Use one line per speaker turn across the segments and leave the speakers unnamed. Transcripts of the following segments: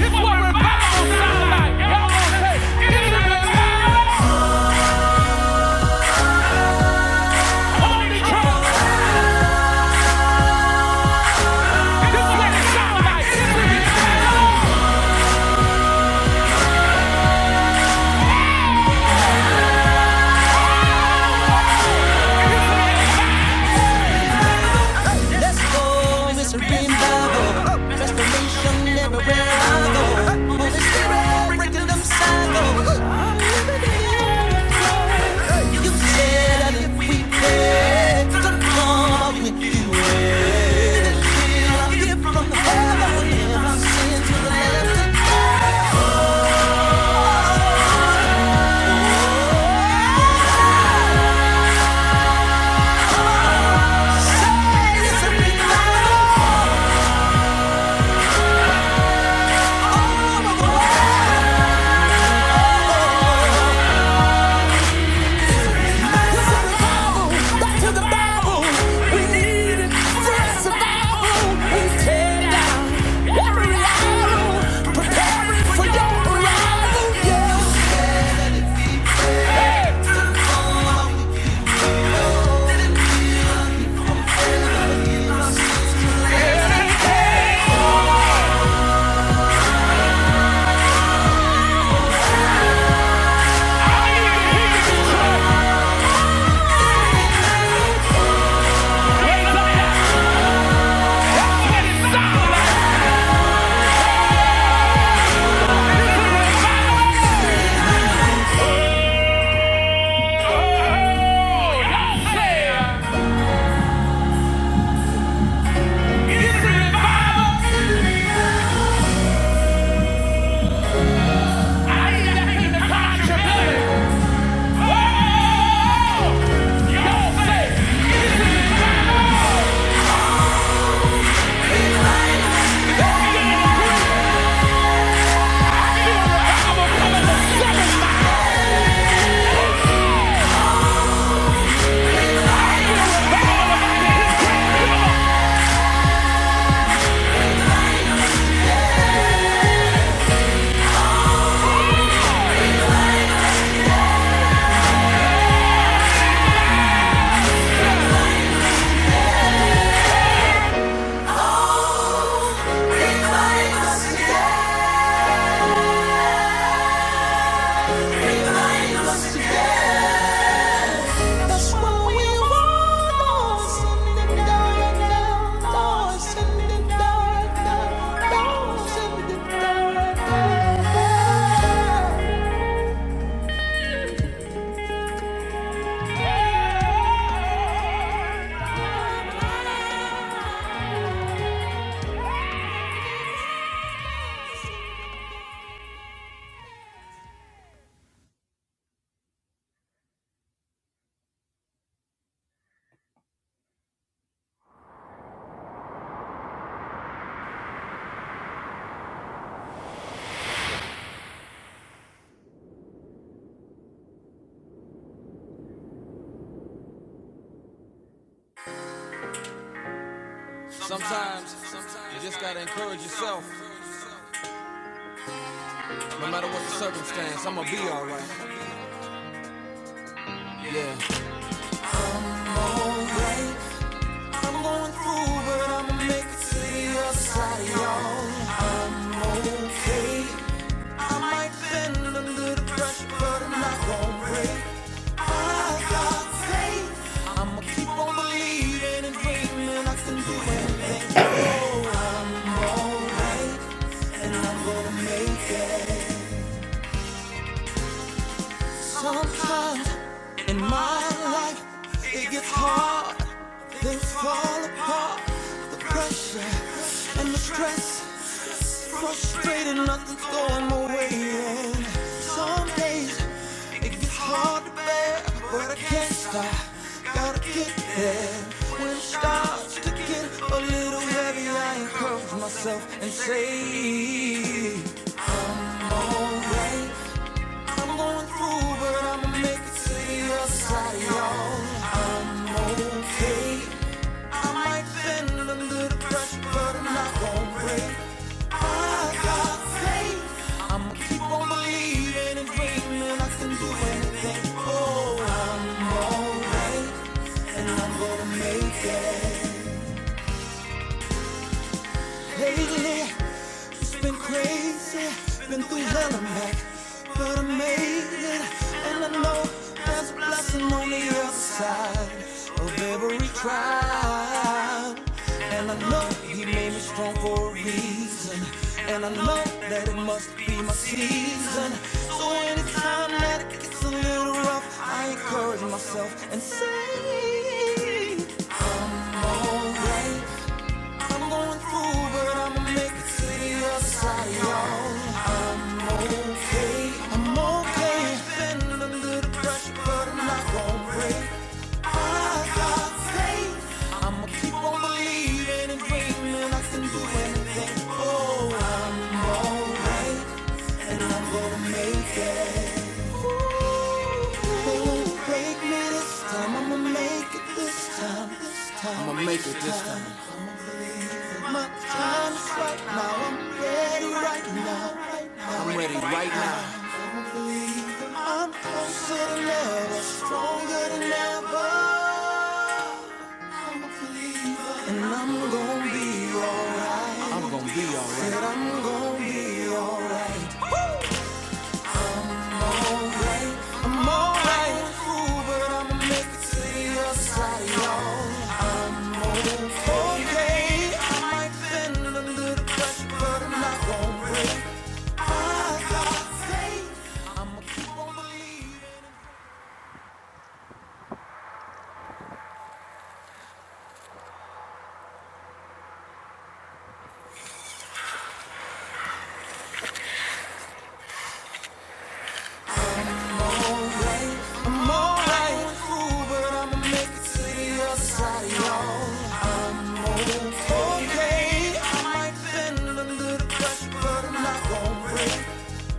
This what revival sound like. Y'all gonna say, it's a revival. Holy cow. This what it sound like. It's a Let's go, it's a revival. Restoration everywhere I go. Holy Spirit, breaking them cycles. I'm living it. You said that if we pray, to come with you. And I'll give from heaven, and I'll send to the left to die. It's a revival! I ain't got nothing to contribute! Yeah. I might bend under a little pressure, but I'm not gonna break. I got faith. I'ma keep on believing and dreaming I can do anything. Oh, I'm alright, and I'm gonna make it. Sometimes in my life it gets hard. Things fall apart. The pressure and the stress. Frustrated, nothing's going my way. And some days it gets hard to bear, but I can't stop. Gotta get there. When it starts to get a little heavy, I encourage myself and say, Alright. I'm going through, but I'ma make it to the other side, of y'all. I'm okay. I might bend under the pressure, but I'm not gonna break. I got faith. I'ma keep on believing and dreaming I can do anything. Oh, I'm alright, and I'm gonna make it. Lately. Been crazy, been through hell and back, but I made it, and I know there's a blessing on the other side of every trial. And I know He made me strong for a reason, and I know that it must be my season. So anytime that it gets a little rough, I encourage myself and say, I'm alright. I'm going through, but I'm gonna make it to the other side, y'all. I'm okay, I'm okay. I've Been under the pressure, but I'm not gonna break. I got faith. I'ma keep on believing and dreaming I can do anything. Oh, I'm alright, and I'm gonna make it. They won't break me this time. I'ma make it this time, this time. My time is right now. I'm ready right now. I don't believe that I'm closer than ever, stronger than ever. I'm a believer, and I'm gonna be alright. Said I'm gonna be alright. I'm alright with a fool, but I'ma make it to the other side, y'all. Okay, I might bend under the pressure, but I'm not gonna break. I got faith. Keep on believing. More like a fool, but I'ma make it to the other side, y'all. Okay, I might bend a little pressure, but I'm not going break.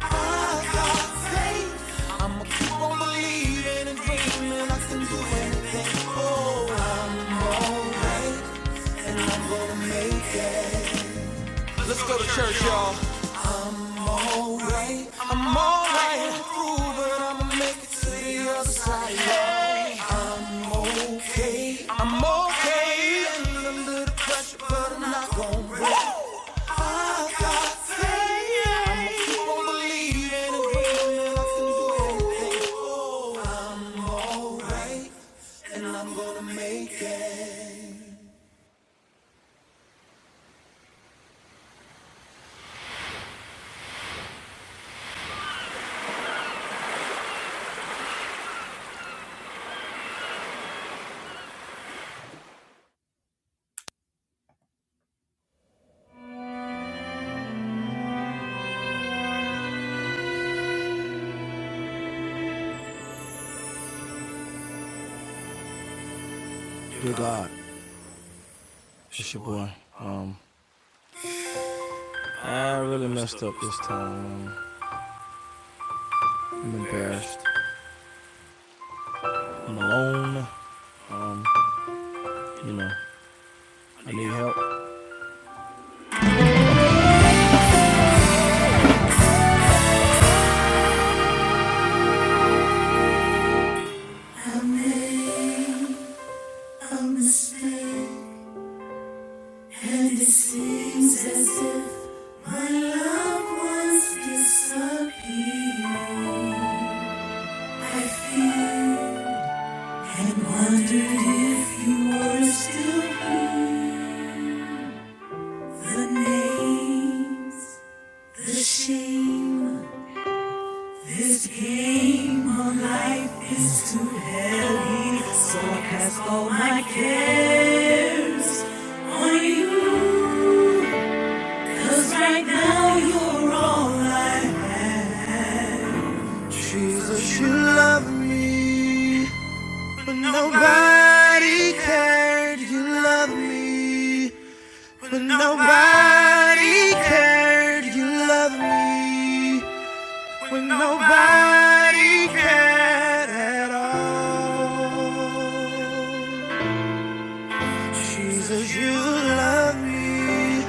I got faith. I'ma keep on believing and dreaming I can do anything. Oh, I'm alright, and I'm gonna make it. Alright, I'm alright, fool, but I'ma make it to the other side, y'all. okay. I'm okay. I'm Under a pressure, but I'm not going break. I got faith. I'ma keep on believing and dreaming I can do anything, and I'm gonna make it. I really messed up this thing past. Alone. No. Yep. Cause right now you're alright. Jesus, you love me. But nobody cared you love me. When nobody cared, you loved me. When nobody cared at all. Jesus, you love me.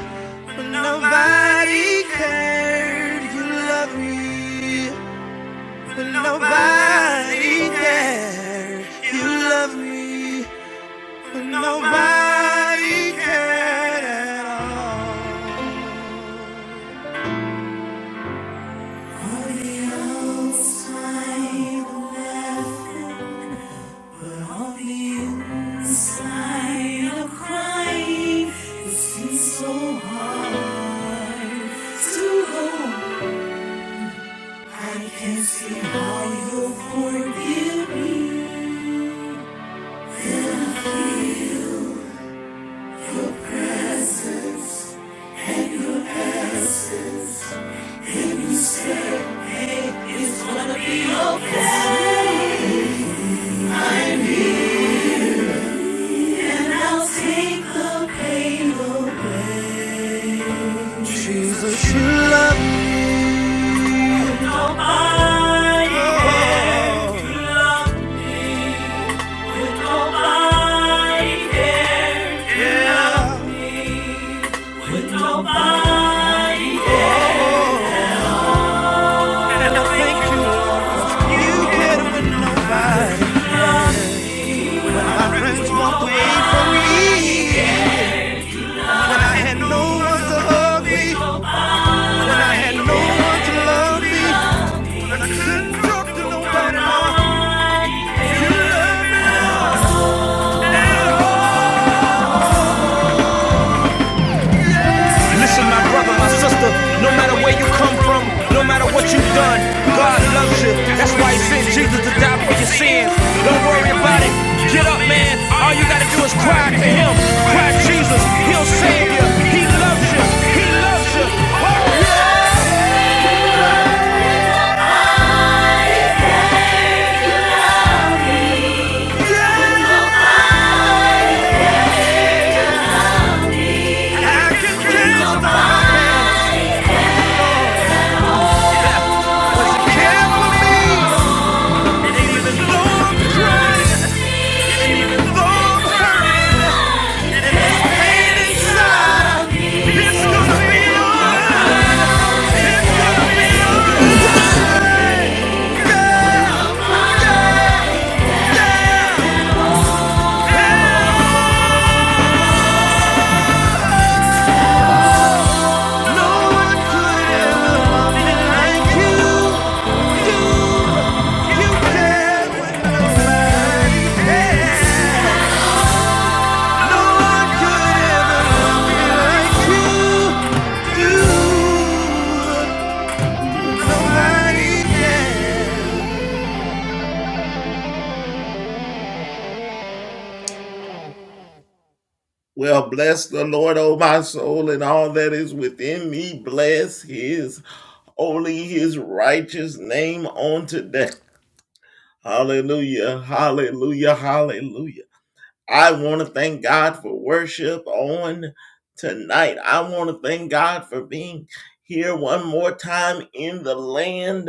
When nobody cared, you love me. When nobody cared, you love me. When nobody cared at all. She's a true love. You know I care. You love- you know I care. You know I care. And I thank you. You cared enough. I had no one to love me. Couldn't talk to nobody. Listen, my brother, my sister, no matter where you come from, no matter what you've done, God loves you. That's why He sent Jesus to die for your sins. Don't worry about it. Get up, man. All you gotta do is cry to Him. Cry, to Jesus. He'll save you. He loves you. He loves you. Oh, yeah. I can feel the enemy. no like Well, bless the Lord, O my soul, and all that is within me. Bless his holy, his righteous name on today. Hallelujah, hallelujah, hallelujah. I want to thank God for worship on tonight. I want to thank God for being here one more time in the land.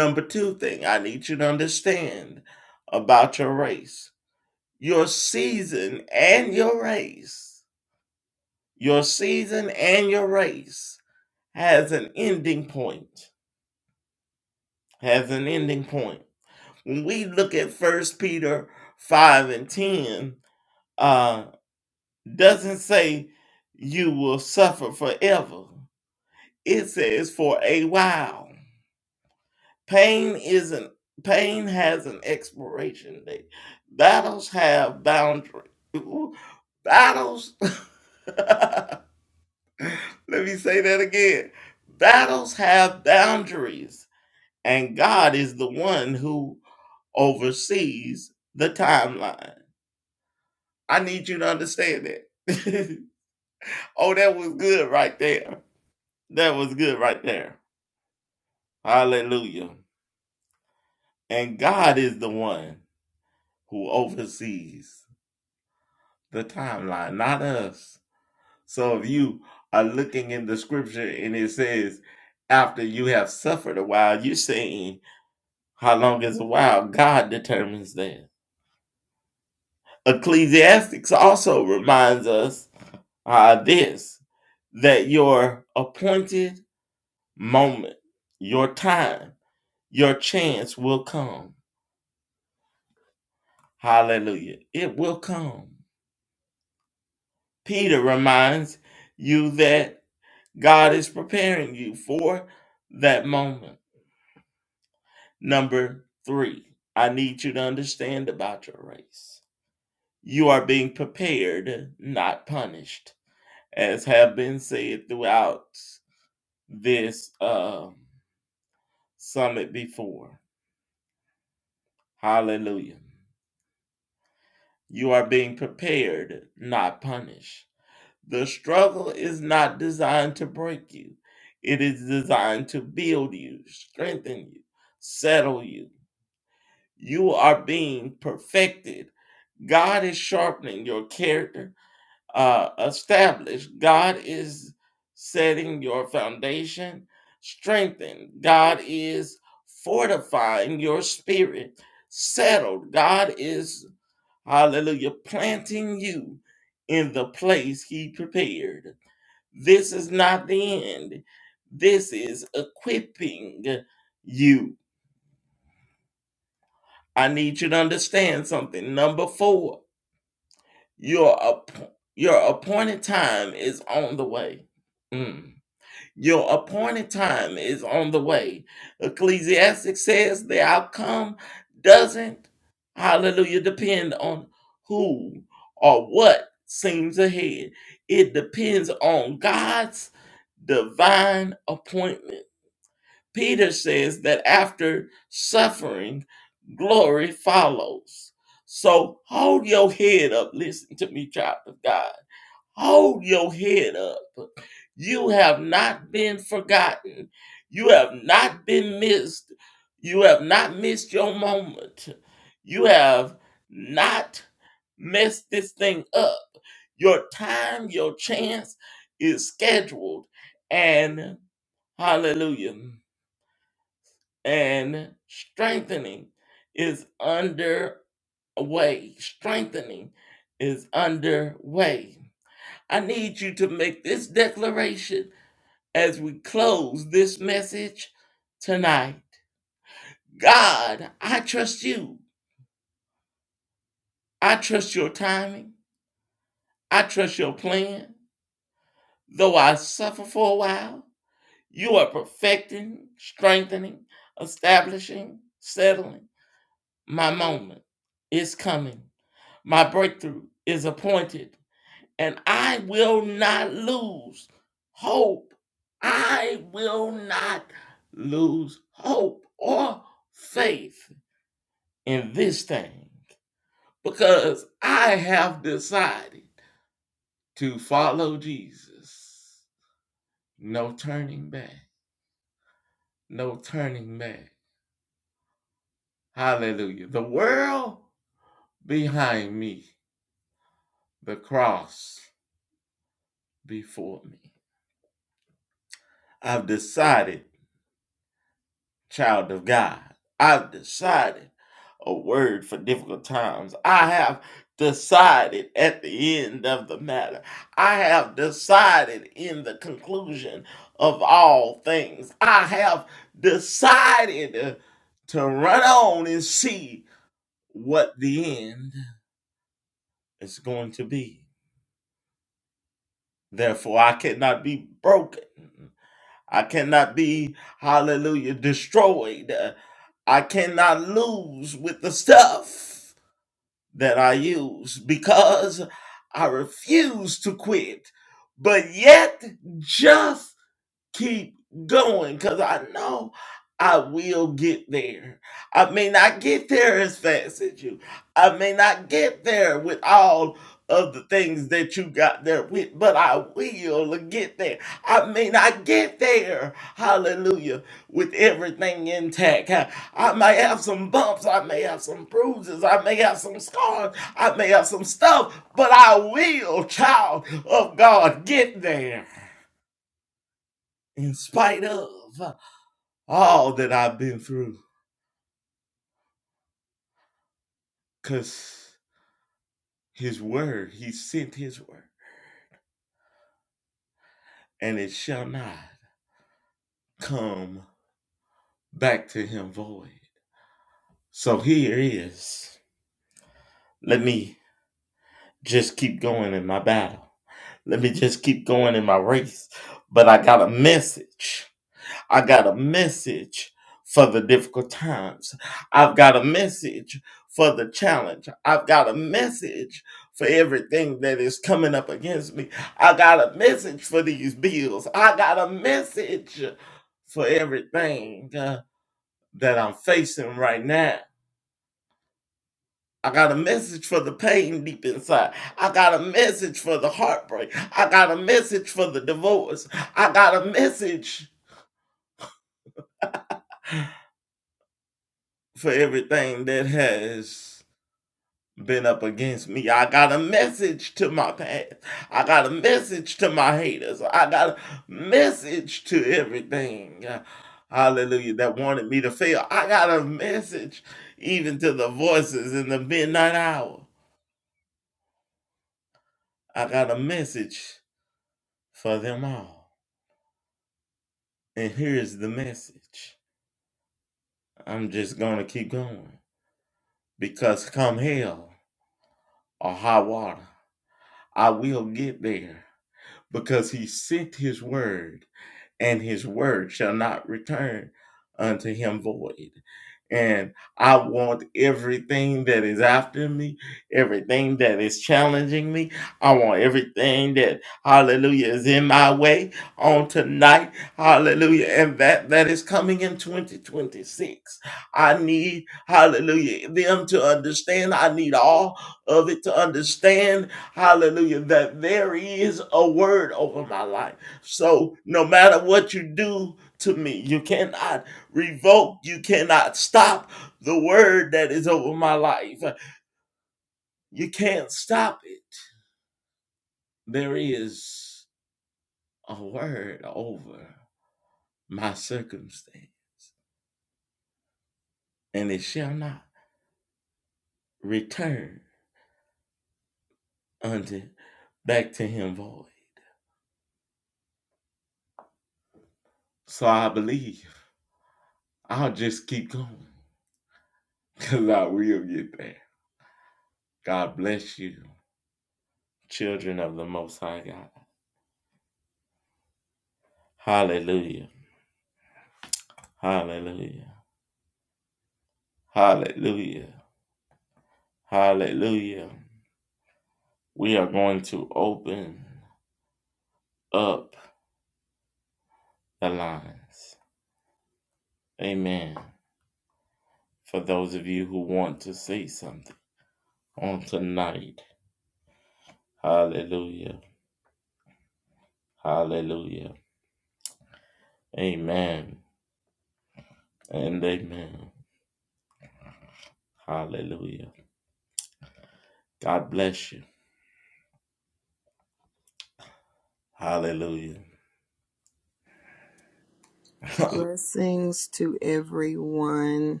Blessings to everyone.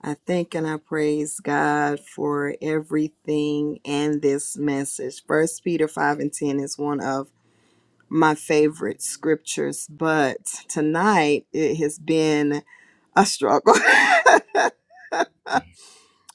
I thank and I praise God for everything and this message. First Peter 5 and 10 is one of my favorite scriptures, but tonight it has been a struggle.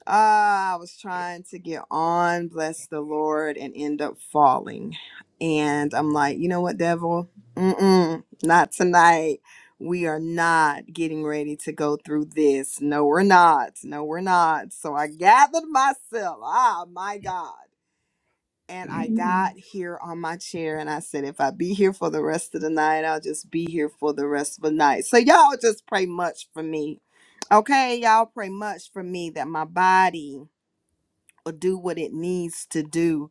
Ah, I was trying to get on, bless the Lord, and end up falling. And I'm like, you know what, devil? Mm-mm, not tonight. We are not getting ready to go through this. No, we're not. No, we're not. So I gathered myself. Ah, my God. And I got here on my chair and I said, if I be here for the rest of the night, I'll just be here for the rest of the night. So y'all just pray much for me. Okay, y'all pray much for me that my body or do what it needs to do.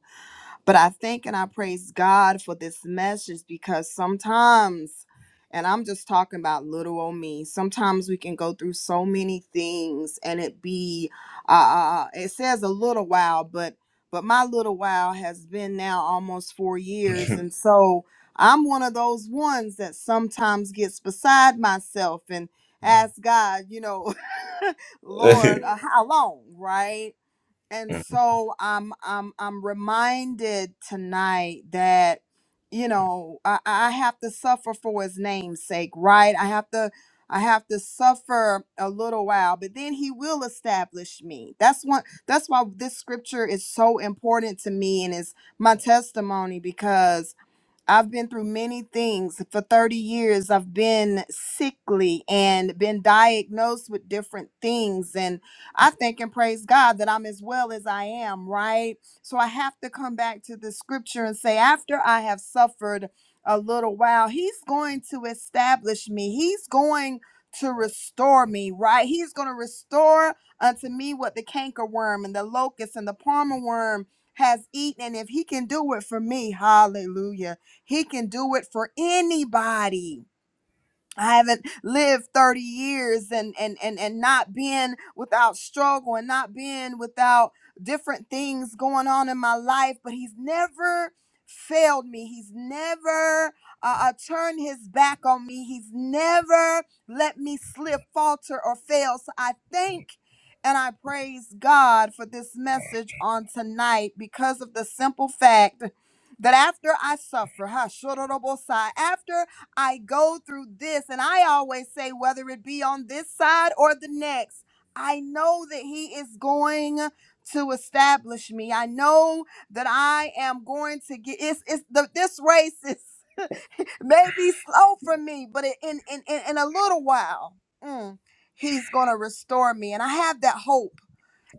But I thank and I praise God for this message because sometimes, and I'm just talking about little old me, sometimes we can go through so many things and it be, uh, it says a little while, but but my little while has been now almost four years. And so I'm one of those ones that sometimes gets beside myself and ask God, you know, Lord, uh, how long, right? and so I'm I'm I'm reminded tonight that you know I, I have to suffer for his name's sake, right? I have to I have to suffer a little while, but then he will establish me. That's one that's why this scripture is so important to me and is my testimony because I've been through many things. For 30 years, I've been sickly and been diagnosed with different things. And I thank and praise God that I'm as well as I am, right? So I have to come back to the scripture and say, after I have suffered a little while, He's going to establish me. He's going to restore me, right? He's going to restore unto me what the cankerworm and the locust and the palmer worm has eaten. And if He can do it for me, hallelujah. He can do it for anybody. I haven't lived 30 years and and and and not been without struggle and not been without different things going on in my life, but he's never failed me. He's never uh, uh, turned his back on me. He's never let me slip, falter, or fail. So I thank and I praise God for this message on tonight because of the simple fact that after I suffer, ha, shororobosai, after I go through this. And I always say, whether it be on this side or the next, I know that He is going to establish me. I know that I am going to get it's it's the this race is maybe slow for me, but it, in, in in in a little while, mm, he's gonna restore me. And I have that hope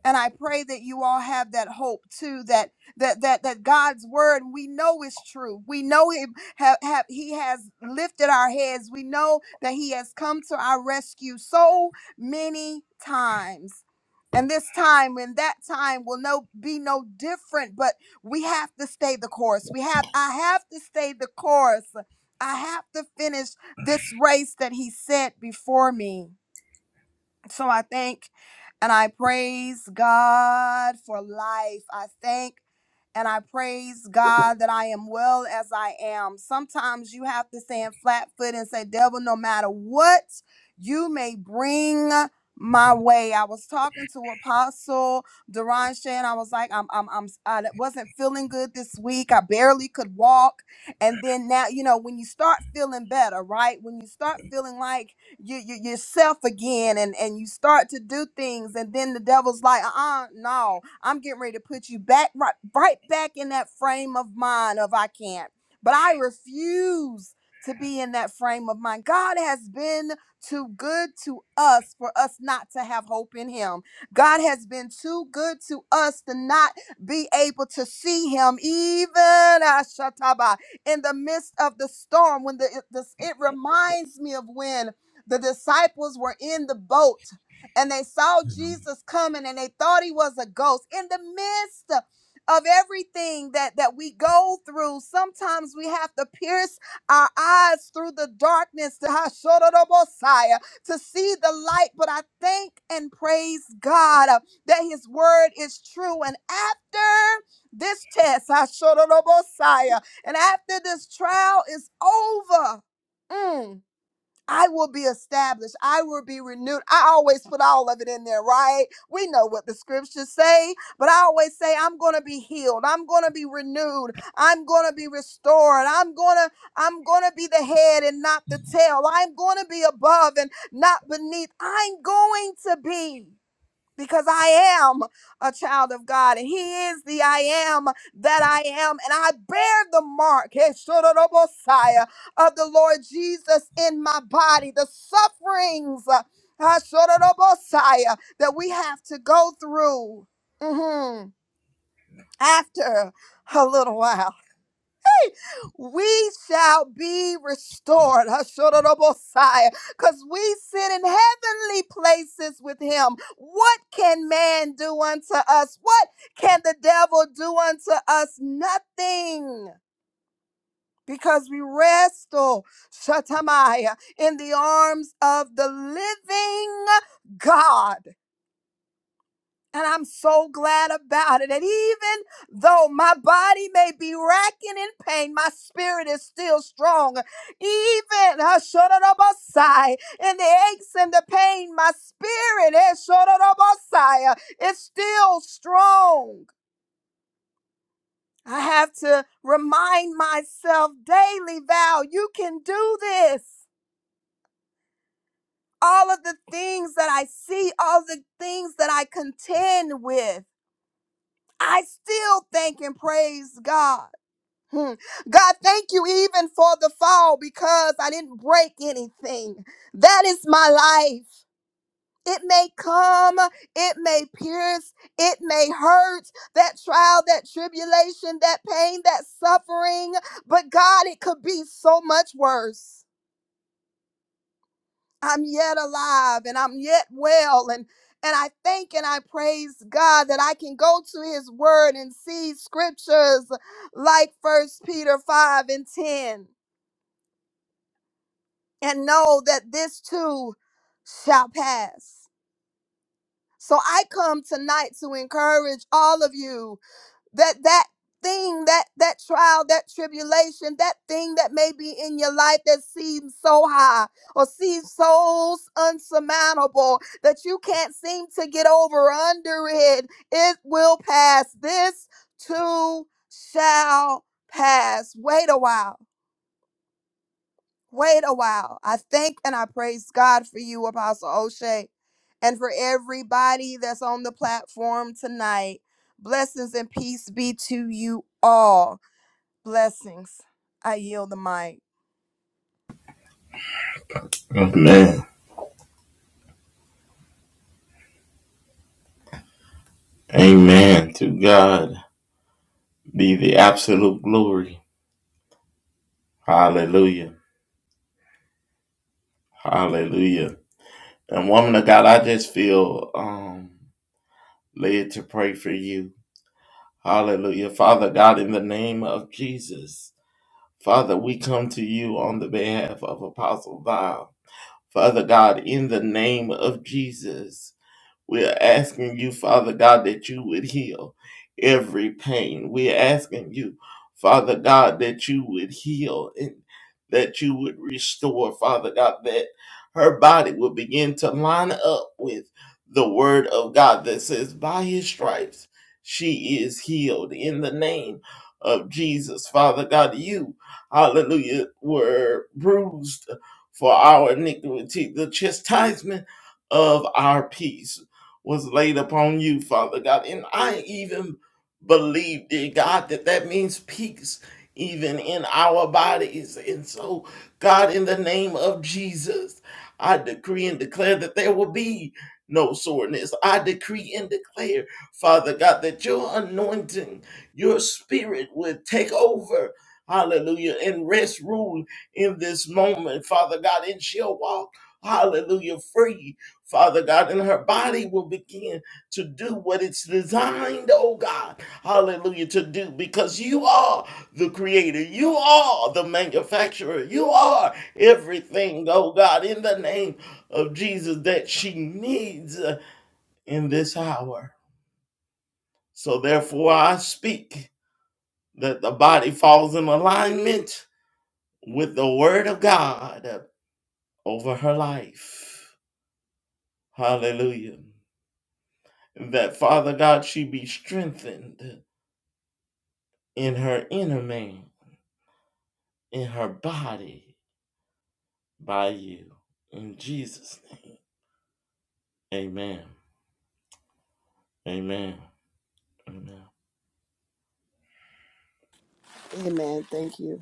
and i pray that you all have that hope too that that that that god's word we know is true we know him have, have he has lifted our heads we know that he has come to our rescue so many times and this time and that time will no be no different but we have to stay the course we have i have to stay the course i have to finish this race that he set before me so I thank and I praise God for life. I thank and I praise God that I am well as I am. Sometimes you have to stand flat foot and say, Devil, no matter what you may bring my way. I was talking to Apostle Duranche and I was like, I'm, I'm, I'm, I wasn't feeling good this week. I barely could walk. And then now, you know, when you start feeling better, right? When you start feeling like, you, you yourself again and and you start to do things and then the devil's like uh-uh no i'm getting ready to put you back right right back in that frame of mind of i can't but i refuse to be in that frame of mind god has been too good to us for us not to have hope in him god has been too good to us to not be able to see him even Ashataba, in the midst of the storm when the, it- this it reminds me of when the disciples were in the boat and they saw Jesus coming and they thought he was a ghost. In the midst of everything that, that we go through, sometimes we have to pierce our eyes through the darkness to, Hashorodobosai, to see the light. But I thank and praise God uh, that his word is true. And after this test, Hashorodobosai, and after this trial is over, mm, I will be established. I will be renewed. I always put all of it in there, right? We know what the scriptures say, but I always say I'm going to be healed. I'm going to be renewed. I'm going to be restored. I'm going to I'm going to be the head and not the tail. I'm going to be above and not beneath. I'm going to be because I am a child of God and He is the I am that I am. And I bear the mark hey, Shotorobosai, of the Lord Jesus in my body, the sufferings uh, ah, Shotorobosai, that we have to go through mhm, after a little while we shall be restored. Because we sit in heavenly places with him. What can man do unto us? What can the devil do unto us? Nothing. Because we rest, oh, Shatamaya, in the arms of the living God. And I'm so glad about it. And even though my body may be racking in pain, my spirit is still strong. Even uh, Shotorobosai, in the aches and the pain, my spirit is Shotorobosai, uh, It's still strong. I have to remind myself daily, Val, you can do this. All of the things that I see, all the things that I contend with. I still thank and praise God. Hmm. God, thank you even for the fall because I didn't break anything. That is my life. It may come, it may pierce, it may hurt, that trial, that tribulation, that pain, that suffering. But God, it could be so much worse. I'm yet alive and I'm yet well. And and I thank and I praise God that I can go to his word and see scriptures like First Peter 5 and 10. and know that this too shall pass. So I come tonight to encourage all of you that that thing that that trial that tribulation that thing that may be in your life that seems so high or seems so unsurmountable that you can't seem to get over or under it it will pass this too shall pass wait a while Wait a while. I thank and I praise God for you, Apostle O'Shea, and for everybody that's on the platform tonight. Blessings and peace be to you all. Blessings. I yield the mic. Amen. Thank you.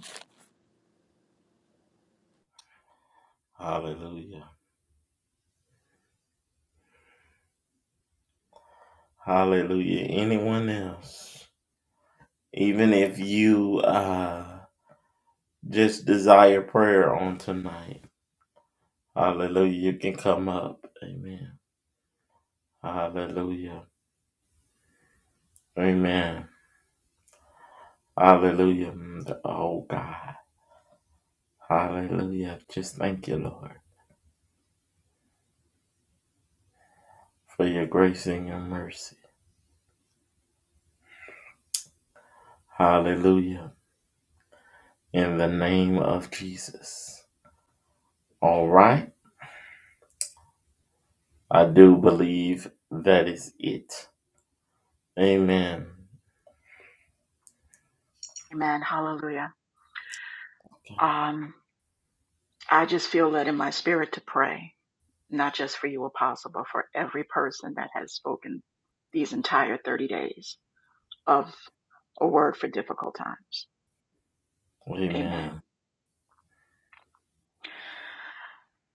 Amen. Hallelujah. Um, I just feel led in my spirit to pray, not just for you, Apostle, but for every person that has spoken these entire 30 days of a word for difficult times. Amen.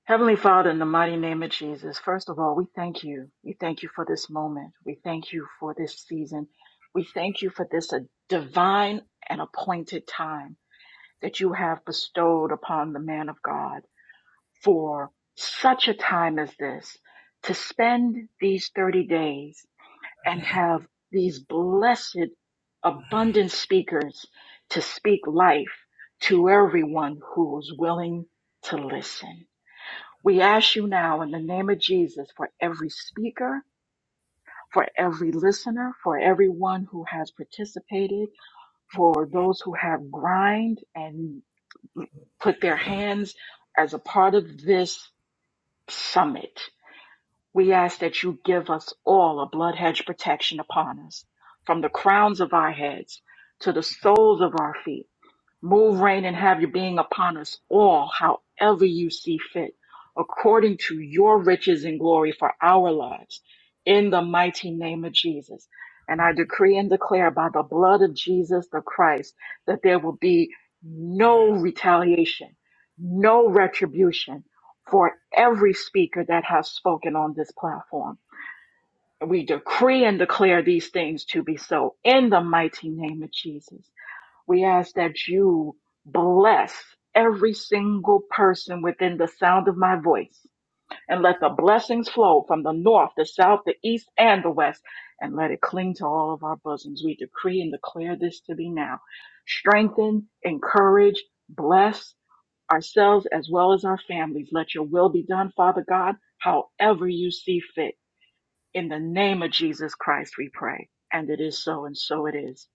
Heavenly Father, in the mighty name of Jesus, first of all, we thank you. We thank you for this moment. We thank you for this season. We thank you for this uh, divine and appointed time that you have bestowed upon the man of God. for such a time as this to spend these 30 days and have these blessed, abundant speakers to speak life to everyone who is willing to listen. We ask you now in the name of Jesus for every speaker, for every listener, for everyone who has participated, for those who have grind and put their hands as a part of this summit. We ask that you give us all a blood hedge protection upon us, from the crowns of our heads to the soles of our feet. Move, reign, and have your being upon us all, however you see fit, according to your riches and glory for our lives, in the mighty name of Jesus. And I decree and declare by the blood of Jesus the Christ that there will be no retaliation, no retribution for every speaker that has spoken on this platform. we decree and declare these things to be so in the mighty name of Jesus. We ask that you bless every single person within the sound of my voice and let the blessings flow from the north, the south, the east, and the west, and let it cling to all of our bosoms. We decree and declare this to be now. Strengthen, encourage, bless ourselves as well as our families. Let your will be done, Father God, however you see fit. In the name of Jesus Christ, we pray. And it is so, and so it is.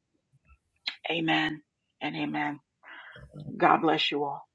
Amen and amen. God bless you all.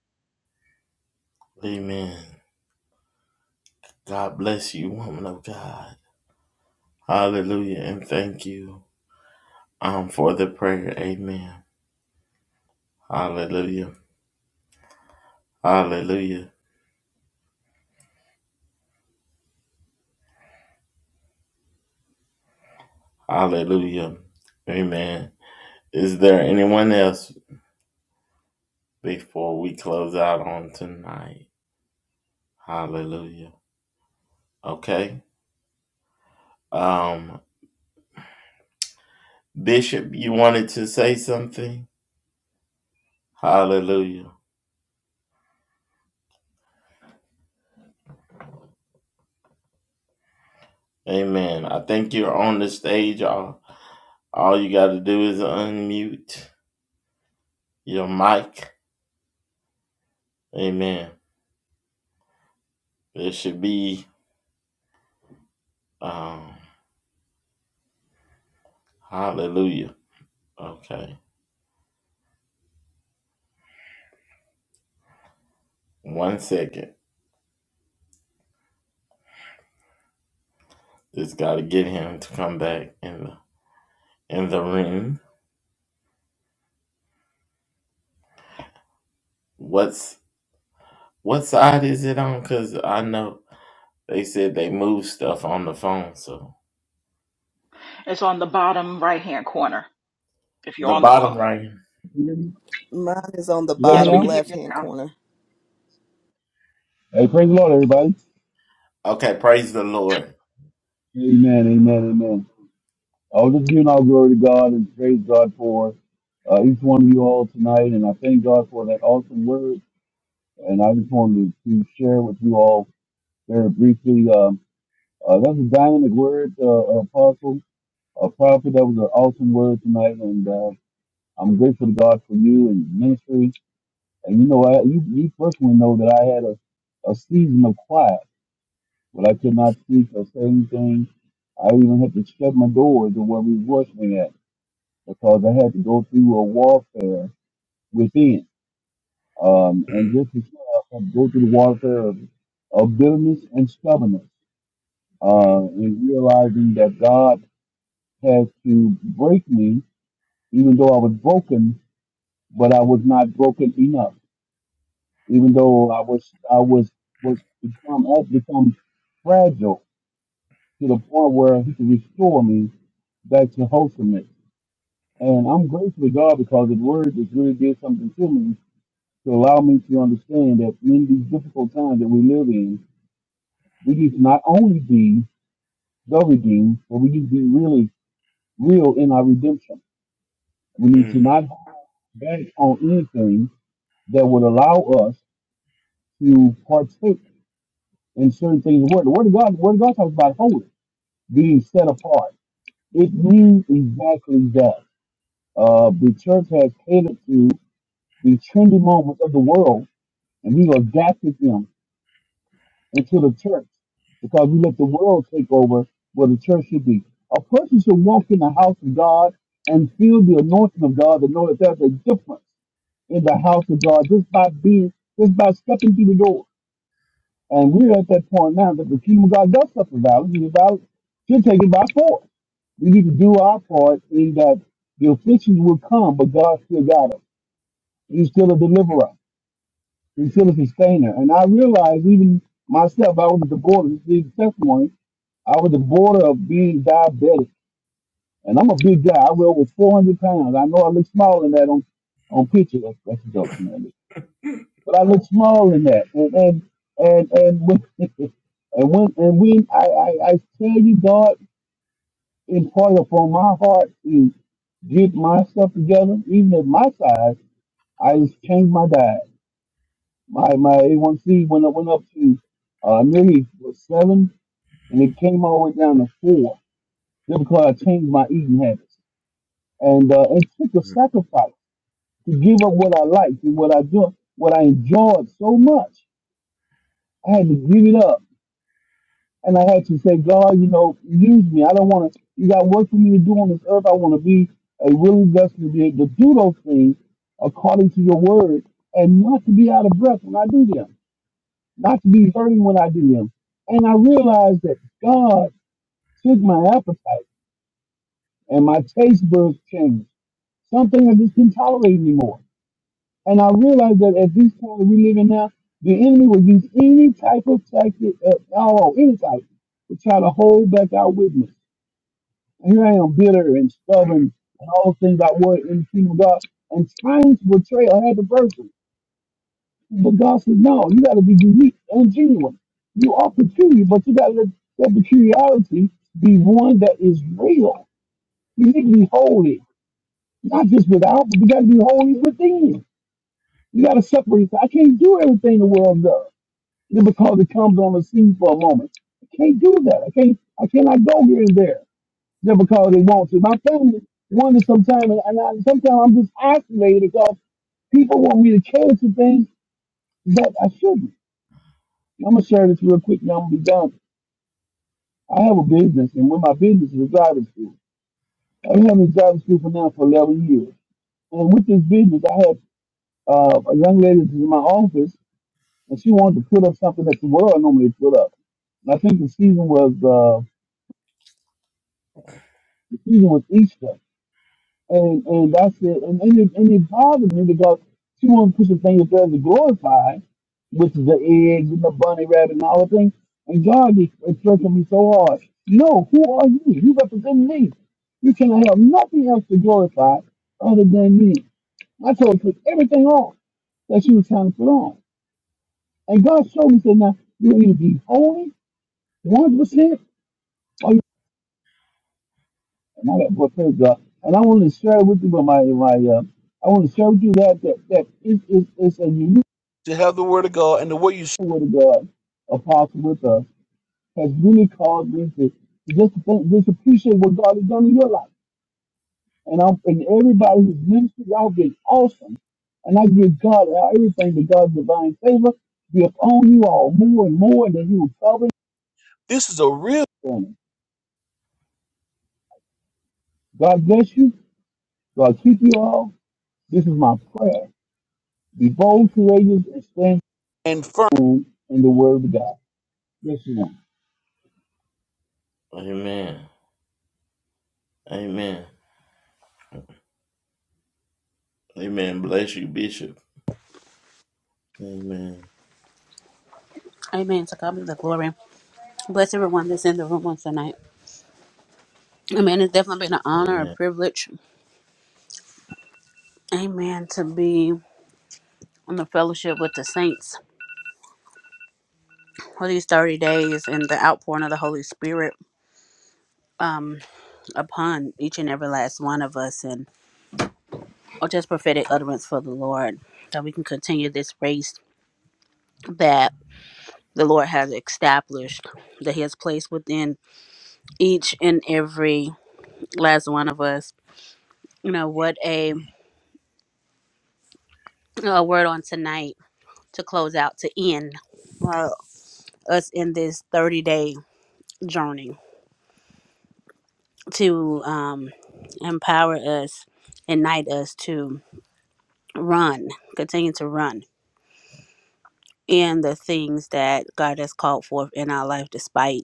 It's on the bottom right hand corner if you're on the phone.
You
Mine is on the
hear me
Yes, we
bottom
can
now?
hear
left
you
hand
now.
corner.
Hey, praise the Lord, everybody. Amen, amen, amen. I was just giving all glory to God and praise God for uh, each one of you all tonight, and I thank God for that awesome word. And I just wanted to, to share with you all very briefly. Um, uh, that's a dynamic word, uh, uh, apostle, a prophet. That was an awesome word tonight, and uh, I'm grateful to God for you and ministry. And you know, I, you, you personally know that I had a, a season of quiet But I could not speak or say anything. I even had to shut my doors to where we was working at because I had to go through a warfare within. Um, and just as well, I had to go through the warfare of, of bitterness and stubbornness, uh, and realizing that God has to break me, even though I was broken, but I was not broken enough. Even though I was, I was, was become, had become fragile to the point where he can restore me back to wholesomeness. And I'm grateful to God because His Word has really did something to me to allow me to understand that in these difficult times that we live in, we need to not only be the redeemed, but we need to be really real in our redemption. We need to not hold back on anything that would allow us to partake in certain things. The Word, the Word of God, the Word of God talks about holy, being set apart. It means exactly that Uh, the church has catered to the trendy moments of the world, and we adapted them into the church because we let the world take over where the church should be. A person should walk in the house of God and feel the anointing of God to know that there's a difference in the house of God just by being, just by stepping through the door. And we're at that point now that the kingdom of God does suffer violence, and the violence should take it by force. We need to do our part in that the afflictions will come, but God still got us. He's still a deliverer. He's still a sustainer. And I realized even myself, I was at the border, this is the testimony, I was at the border of being diabetic. And I'm a big guy. I weigh over 400 pounds. I know I look small in that on, on picture. That's, that's a joke, you know. But I look small in that. And, and, and, and when, and when, and when I, I, I tell you God imparted upon my heart to get myself together, even at my size, I just changed my diet. My my A1C went up went up to uh, nearly was seven, and it came all the way down to four. Just because I changed my eating habits, and uh, it took a sacrifice to give up what I liked and what I do, what I enjoyed so much. I had to give it up, and I had to say, God, you know, use me. I don't want to. You got work for me to do on this earth. I want to be a willing vessel to be able to do those things according to your word, and not to be out of breath when I do them. not to be hurting when I do them. And I realized that God took my appetite and my taste buds changed. Something I just couldn't tolerate anymore. And I realized that at this point that we live in now, the enemy will use any type of tactic at all, any type, to try to hold back our witness. And here I am, bitter and stubborn and all the things I was in the kingdom of God, and trying to portray a happy person. But God said, no, you got to be unique and genuine. You are peculiar, but you got to let that peculiarity be one that is real. You need to be holy, not just without, but you got to be holy within. You got to separate. I can't do everything the world does just because it comes on the scene for a moment. I can't do that. I can't. I cannot go here and there just because they want to. My family wonders sometimes, and and I, sometimes I'm just isolated because people want me to cater to things that I shouldn't. I'm gonna share this real quick. Now I'm gonna be done. I have a business, and with my business is a driving school. I've been having a driving school for now for 11 years. And with this business, I had uh, a young lady that was in my office, and she wanted to put up something that the world normally put up. And I think the season was uh, the season was Easter. and and that's it. And and it, and it bothers me because she wants to push the thing as far as to glorify, which is the eggs and the bunny rabbit and all the things. And God is is stressing me so hard. No, who are you? You represent me. You cannot have nothing else to glorify other than me. I told her to put everything off that she was trying to put on. And God showed me, said, now, you either be holy 100% And I got well, praise God. And I want to share with you, but my my uh, I want to share with you that that that it is it's a unique word of God, apostle with us has really caused me to, to just think, just appreciate what God has done in your life. And I'm and everybody who's ministry, y'all been awesome. And I give God uh, everything that God's divine favor be upon you all more and more, and that He will cover. This is a real thing. God bless you. God keep you all. This is my prayer. Be bold, courageous, and stand firm in the word of God. Yes, ma'am.
Amen. To God be the glory. Bless everyone that's in the room on tonight. Amen. It's definitely been an honor, a privilege. Amen. To be in the fellowship with the saints for these 30 days and the outpouring of the Holy Spirit um, upon each and every last one of us and or just prophetic utterance for the Lord that we can continue this race that the Lord has established, that He has placed within each and every last one of us. You know, what a, a word on tonight to close out to end uh, us in this 30 day journey to um, empower us ignite us to run continue to run in the things that god has called forth in our life despite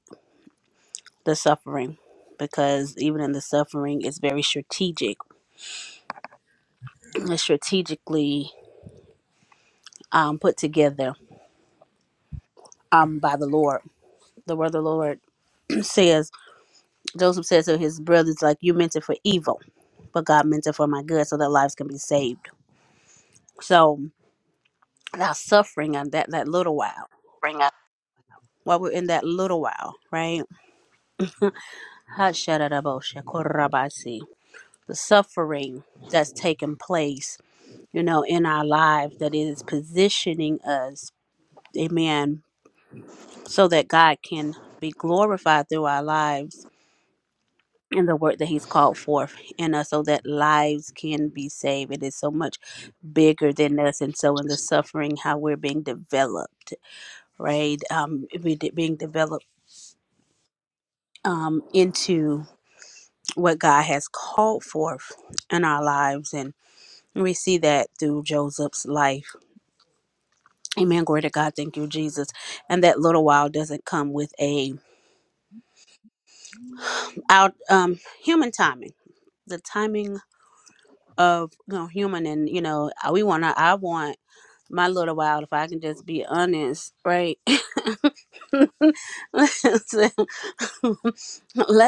the suffering because even in the suffering it's very strategic it's strategically um, put together um, by the lord the word of the lord says joseph says to his brothers like you meant it for evil but God meant it for my good so that lives can be saved. So that suffering and that that little while, while we're in that little while, right? The suffering that's taking place, you know, in our lives that is positioning us, amen, so that God can be glorified through our lives and the work that he's called forth in us so that lives can be saved. It is so much bigger than us. And so in the suffering, how we're being developed right? Um, be- being developed um, into what God has called forth in our lives. And we see that through Joseph's life. Amen. Glory to God. Thank you, Jesus. And that little while doesn't come with a out um, human timing. The timing of you know human and you know we want to I want my little while if I can just be honest right let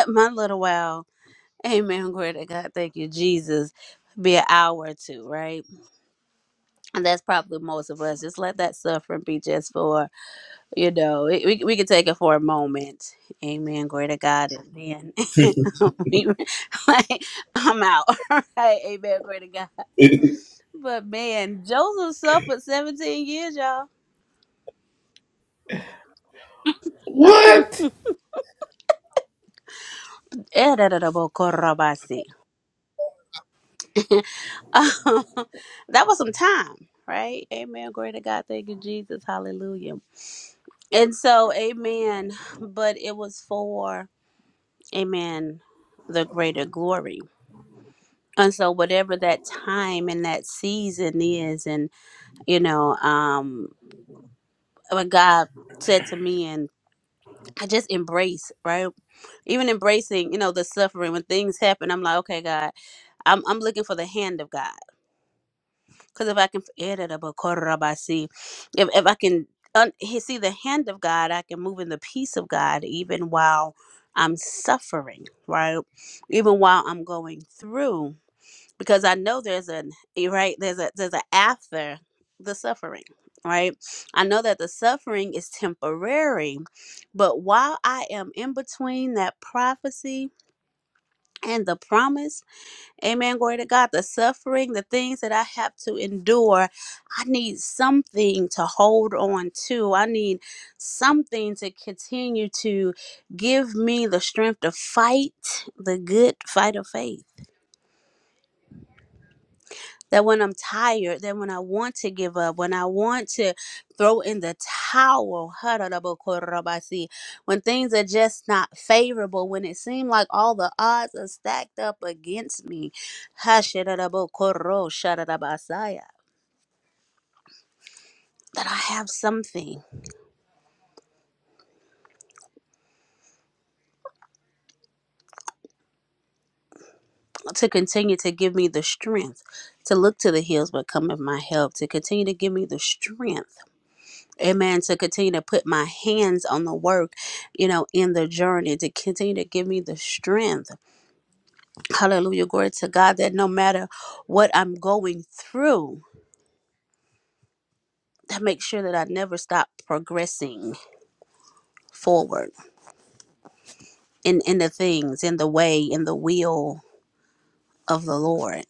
my little while Amen. Glory to God. Thank you, Jesus. Be an hour or two, right? And that's probably most of us. Just let that suffering be just for, you know, we, we we can take it for a moment. Amen. Glory to God. And then we, like, I'm out. right? Amen. Glory to God. But man, Joseph suffered 17 years, y'all. Erererebokorabasi. that was some time, right? Amen. Glory to God. Thank you, Jesus. Hallelujah. And so, amen. But it was for, amen, the greater glory. And so, whatever that time and that season is, and, you know, um, what God said to me, and I just embrace, right? Even embracing, you know, the suffering when things happen, I'm like, okay, God, I'm, I'm looking for the hand of God. Because if I can add it up, if if I can un, he- see the hand of God, I can move in the peace of God even while I'm suffering, right? Even while I'm going through, because I know there's an you're right there's a there's a after the suffering, right? I know that the suffering is temporary, but while I am in between that prophecy and the promise Amen. Glory to God. The suffering, the things that I have to endure, I need something to hold on to. I need something to continue to give me the strength to fight the good fight of faith that when I'm tired, that when I want to give up, when I want to throw in the towel, when things are just not favorable, when it seems like all the odds are stacked up against me, that I have something to continue to give me the strength to look to the hills but come with my help, to continue to give me the strength Amen. To continue to put my hands on the work, you know, in the journey, to continue to give me the strength. Hallelujah. Glory to God that no matter what I'm going through, that make sure that I never stop progressing forward in, in the things, in the way, in the will of the Lord.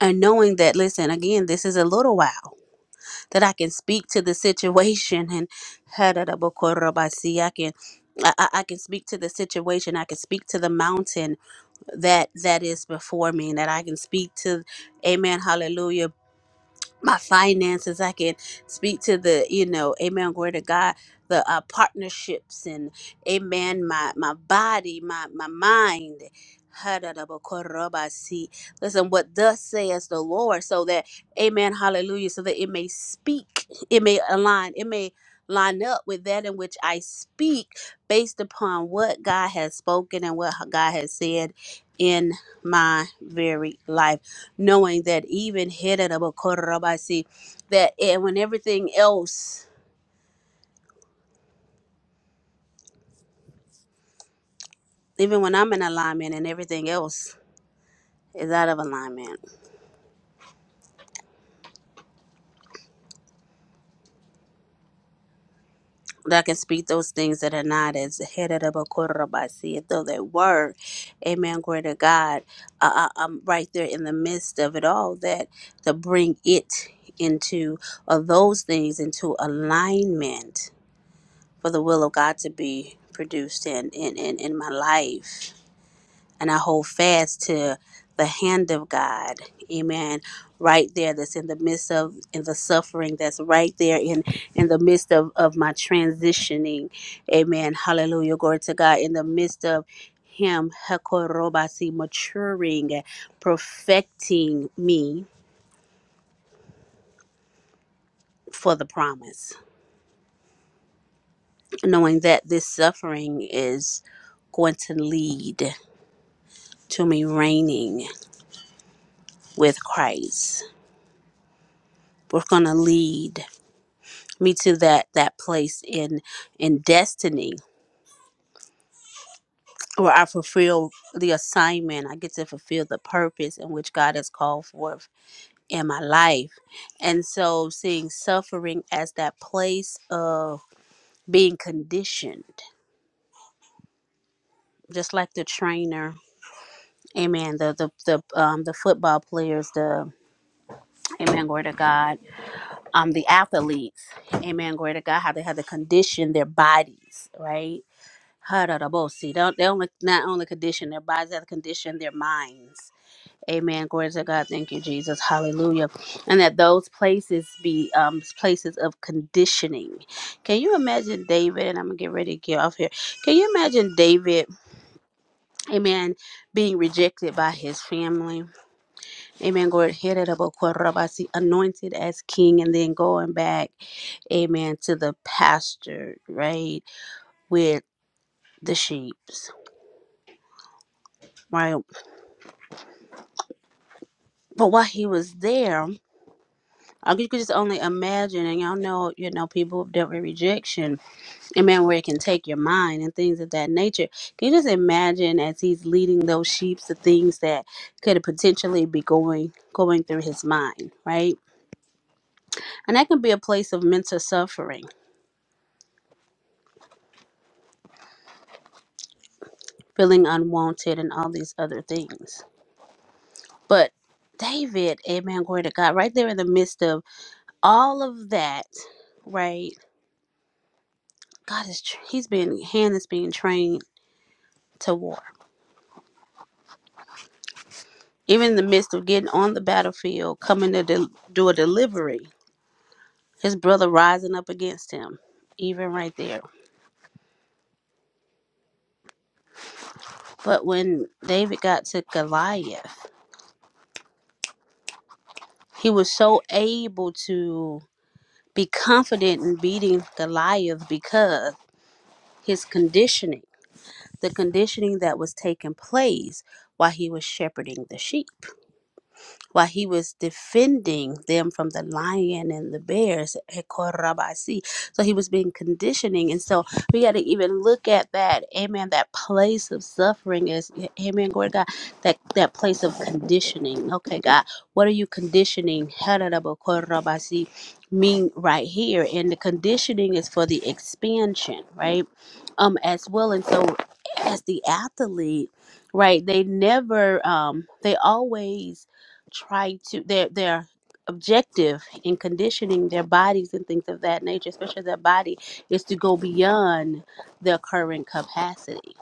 And knowing that, listen, again, this is a little while that I can speak to the situation and I can I, I I can speak to the situation. I can speak to the mountain that that is before me and that I can speak to amen hallelujah my finances i can speak to the you know amen glory to god the uh, partnerships and amen my my body my my mind Ha-da-da-ba-ko-ra-ba-si. Listen, what thus says the Lord, so that, amen, hallelujah, so that it may speak, it may align, it may line up with that in which I speak based upon what God has spoken and what God has said in my very life knowing that even Hidarabasi, that eh, when everything else, even when I'm in alignment and everything else is out of alignment, that I can speak those things that are not as headed Hidarabasi, though they were, amen, glory to God. Uh, I, I'm right there in the midst of it all, that to bring it into, or those things into alignment for the will of God to be produced in, in, in, in my life and I hold fast to the hand of God. Amen. Right there, that's in the midst of in the suffering, that's right there in in the midst of of my transitioning. Amen. Hallelujah. Glory to God. In the midst of Him, Hekorobasi, maturing, perfecting me for the promise, knowing that this suffering is going to lead to me reigning with Christ. We're going to lead. me to that that place in in destiny where I fulfill the assignment. I get to fulfill the purpose in which God has called forth in my life. And so seeing suffering as that place of being conditioned, just like the trainer, amen, the the, the um the football players, the Amen, glory to God. Um, the athletes, amen, glory to God, how they have to condition their bodies, right? Hararabosi. They, they only not only condition their bodies, they condition their minds. Amen. Glory to God. Thank you, Jesus. Hallelujah. And that those places be um, places of conditioning. Can you imagine David? And I'm gonna get ready to get off here. Can you imagine David? Amen. Being rejected by his family. Amen. Glory. Hararabokorabasi, Anointed as king, and then going back. Amen. To the pasture, right, with the sheep. Right. But while he was there, I could- you could just only imagine, and y'all know, you know, people have dealt with rejection and man, where it can take your mind and things of that nature. Can you just imagine as he's leading those sheep the things that could potentially be going going through his mind, right? And that can be a place of mental suffering, feeling unwanted, and all these other things. But David, amen, glory to God, right there in the midst of all of that, right? God is, tr- he's being, hand is being trained to war. Even in the midst of getting on the battlefield, coming to del- do a delivery, his brother rising up against him, even right there. But when David got to Goliath, he was so able to be confident in beating Goliath because his conditioning, the conditioning that was taking place while he was shepherding the sheep. while he was defending them from the lion and the bears. eh, Korabasi. So he was being conditioning. And so we got to even look at that, amen, that place of suffering is, eh, amen, glory to God, that, that place of conditioning. Okay, God, what are you conditioning? Hadarabo Korabasi mean right here and the conditioning is for the expansion right um as well and so as the athlete right they never um they always try to their their objective in conditioning their bodies and things of that nature, especially their body, is to go beyond their current capacity.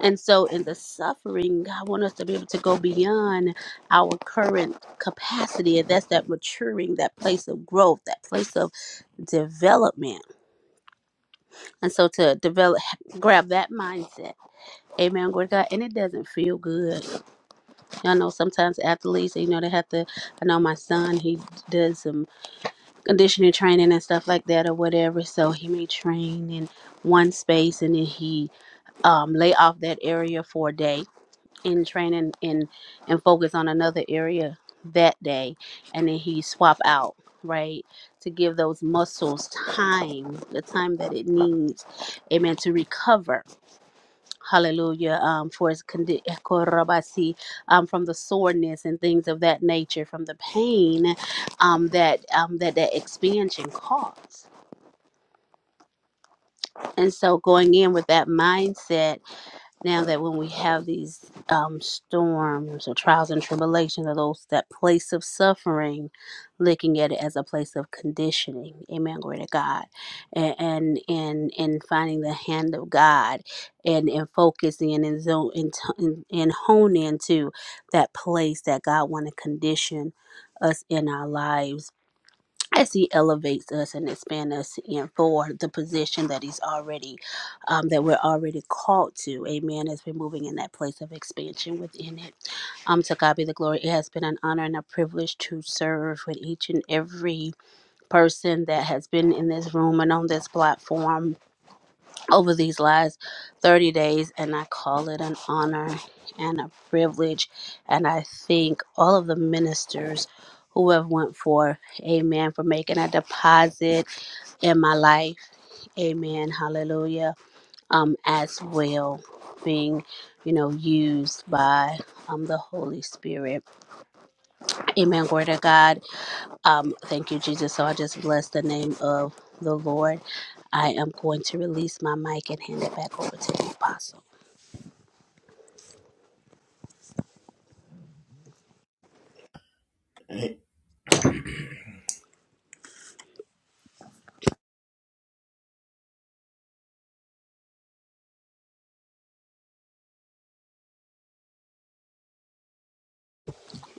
And so in the suffering, God wants us to be able to go beyond our current capacity. And that's that maturing, that place of growth, that place of development. And so to develop grab that mindset. Amen. Glory to God. And it doesn't feel good. I know sometimes athletes, you know, they have to I know my son, he does some. conditioning training and stuff like that or whatever. So he may train in one space and then he um, lay off that area for a day and train in and, and focus on another area that day. And then he swap out, right? To give those muscles time, the time that it needs, amen, to recover Hallelujah. Um, for his condi- eh, korabasi, um, from the soreness and things of that nature, from the pain um, that um, that that expansion caused. And so, going in with that mindset now that when we have these um, storms or trials and tribulations or those that place of suffering looking at it as a place of conditioning amen glory to god and and and, and finding the hand of god and and focusing and and, zone, and, and and hone into that place that god want to condition us in our lives as he elevates us and expands us in for the position that he's already um, that we're already called to amen as we're moving in that place of expansion within it um to god be the glory it has been an honor and a privilege to serve with each and every person that has been in this room and on this platform over these last 30 days, and I call it an honor and a privilege. And I thank all of the ministers who have went forth, amen, for making a deposit in my life, amen, hallelujah, um, as well, being, you know, used by um, the Holy Spirit. Amen, glory to God. Um, thank you, Jesus. So I just bless the name of the Lord. I am going to release my mic and hand it back over to the apostle.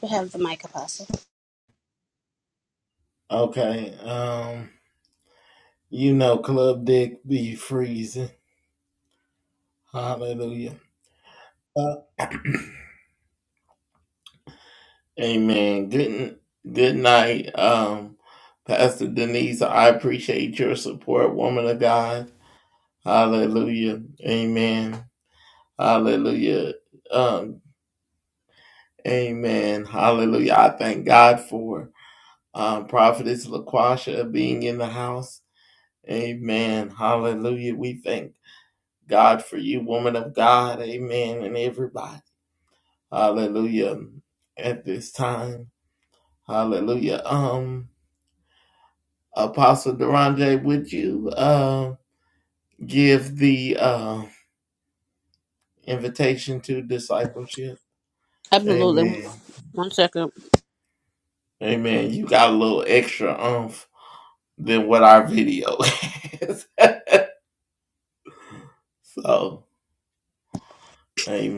You have the mic, Apostle. Absolutely. One second.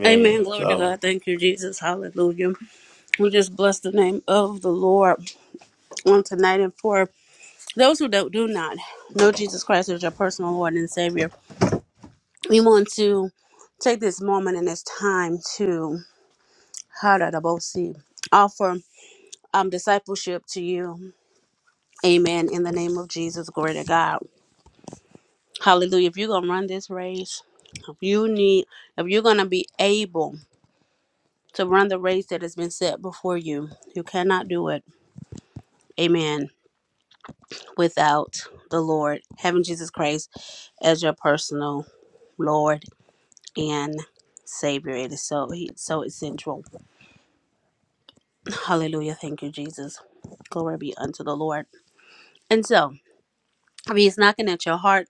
Amen. Glory to God. Thank you, Jesus. Hallelujah. We just bless the name of the Lord on tonight. And for those who don't, do not know Jesus Christ as your personal Lord and Savior, we want to take this moment and this time to see offer um, discipleship to you. Amen. In the name of Jesus. Glory to God. Hallelujah. If you're going to run this race, if you need, if you're going to be able to run the race that has been set before you. You cannot do it, amen, without the Lord, having Jesus Christ as your personal Lord and Savior. It is so he, so essential. Hallelujah. Thank you, Jesus. Glory be unto the Lord. And so, if he's knocking at your heart,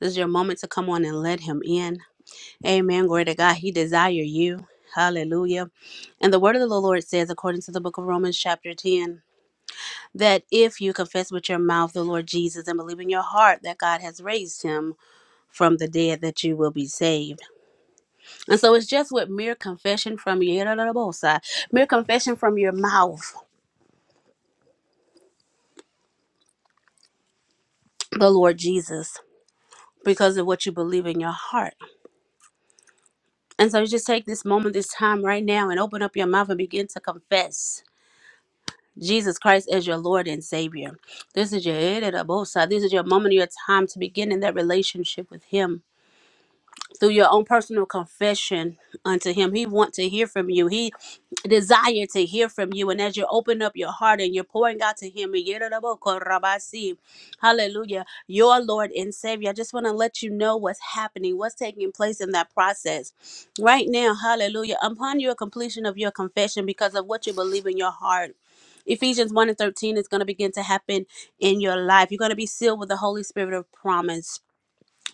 this is your moment to come on and let him in. Amen. Glory to God. He desires you. Hallelujah. And the word of the Lord says, according to the book of Romans, chapter 10. that if you confess with your mouth the Lord Jesus and believe in your heart that God has raised him from the dead, that you will be saved. And so it's just with mere confession from your mere confession from your mouth, the Lord Jesus. Because of what you believe in your heart. And so you just take this moment, this time right now, and open up your mouth and begin to confess Jesus Christ as your Lord and Savior. This is your this is your moment, your time to begin in that relationship with Him. through your own personal confession unto him he want to hear from you he desire to hear from you and as you open up your heart and you're pouring out to him yidadabokorabasi, hallelujah your lord and savior i just want to let you know what's happening what's taking place in that process right now hallelujah upon your completion of your confession because of what you believe in your heart Ephesians 1 and 13 is going to begin to happen in your life. You're going to be sealed with the Holy Spirit of promise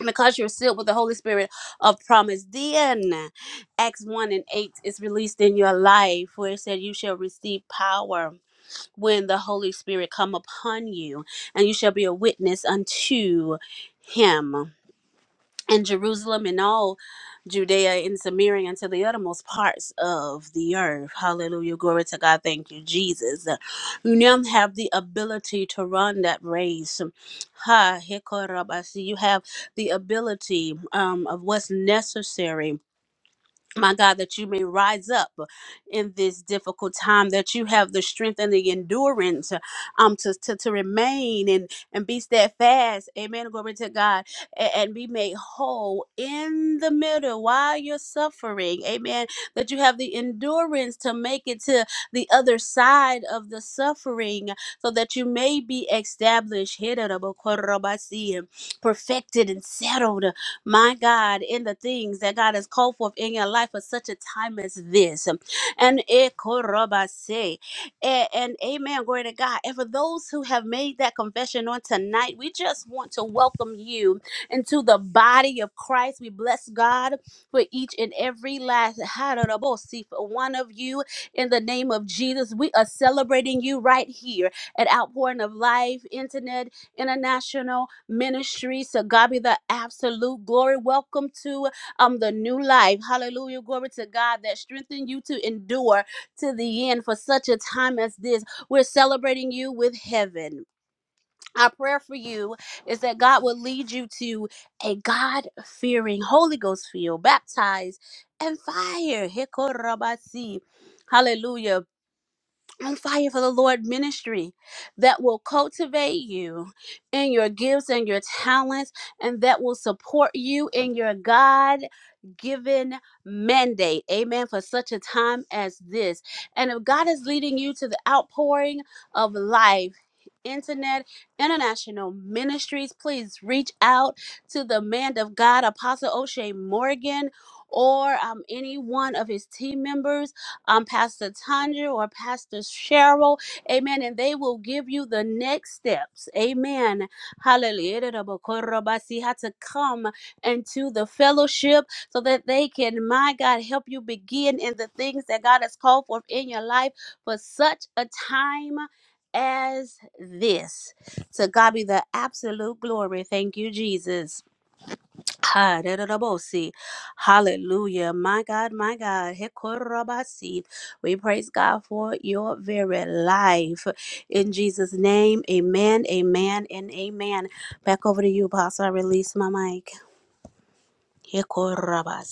because you're sealed with the Holy Spirit of promise. Then Acts 1 and 8 is released in your life where it said you shall receive power when the Holy Spirit come upon you and you shall be a witness unto him and Jerusalem and all Judea and Samaria unto the uttermost parts of the earth. Hallelujah. Glory to God. Thank you, Jesus. Uh, You now have the ability to run that race. Ha, hekorabasi. You have the ability um, of what's necessary my God, that you may rise up in this difficult time, that you have the strength and the endurance um, to, to, to remain and, and be steadfast. Amen. Glory to God. a- And, be made whole in the middle while you're suffering. Amen. That you have the endurance to make it to the other side of the suffering so that you may be established, perfected, and settled my God, in the things that God has called forth in your life for such a time as this. And ekorobase. A- and amen, glory to God. And for those who have made that confession on tonight, we just want to welcome you into the body of Christ. We bless God for each and every last harabose for one of you in the name of Jesus. We are celebrating you right here at Outpouring of Life Internet International. Ministries. To God be the absolute glory. Welcome to um the new life. Hallelujah. Glory to God that strengthen you to endure to the end for such a time as this. We're celebrating you with heaven. Our prayer for you is that God will lead you to a God fearing, Holy Ghost filled, baptized, and fire. Hikorabasi. Hallelujah on fire for the Lord ministry that will cultivate you in your gifts and your talents and that will support you in your God given mandate. Amen. For such a time as this. And if God is leading you to the outpouring of life, Internet International Ministries, please reach out to the man of God, Apostle O'Shea Morgan, or um, any one of his team members um, Pastor Tanya or Pastor Cheryl. Amen. And they will give you the next steps. Amen. Hallelujah. to come into the fellowship so that they can, my God, help you begin in the things that God has called forth in your life for such a time as this. To God be the absolute glory. Thank you, Jesus. Ha, da, da, da, bo, see. Hallelujah. My God, my God. He, ko, ra, ba, see. We praise God for your very life. In Jesus' name, amen, amen, and amen. Back over to you, Pastor. I release my mic. He, ko, ra, ba,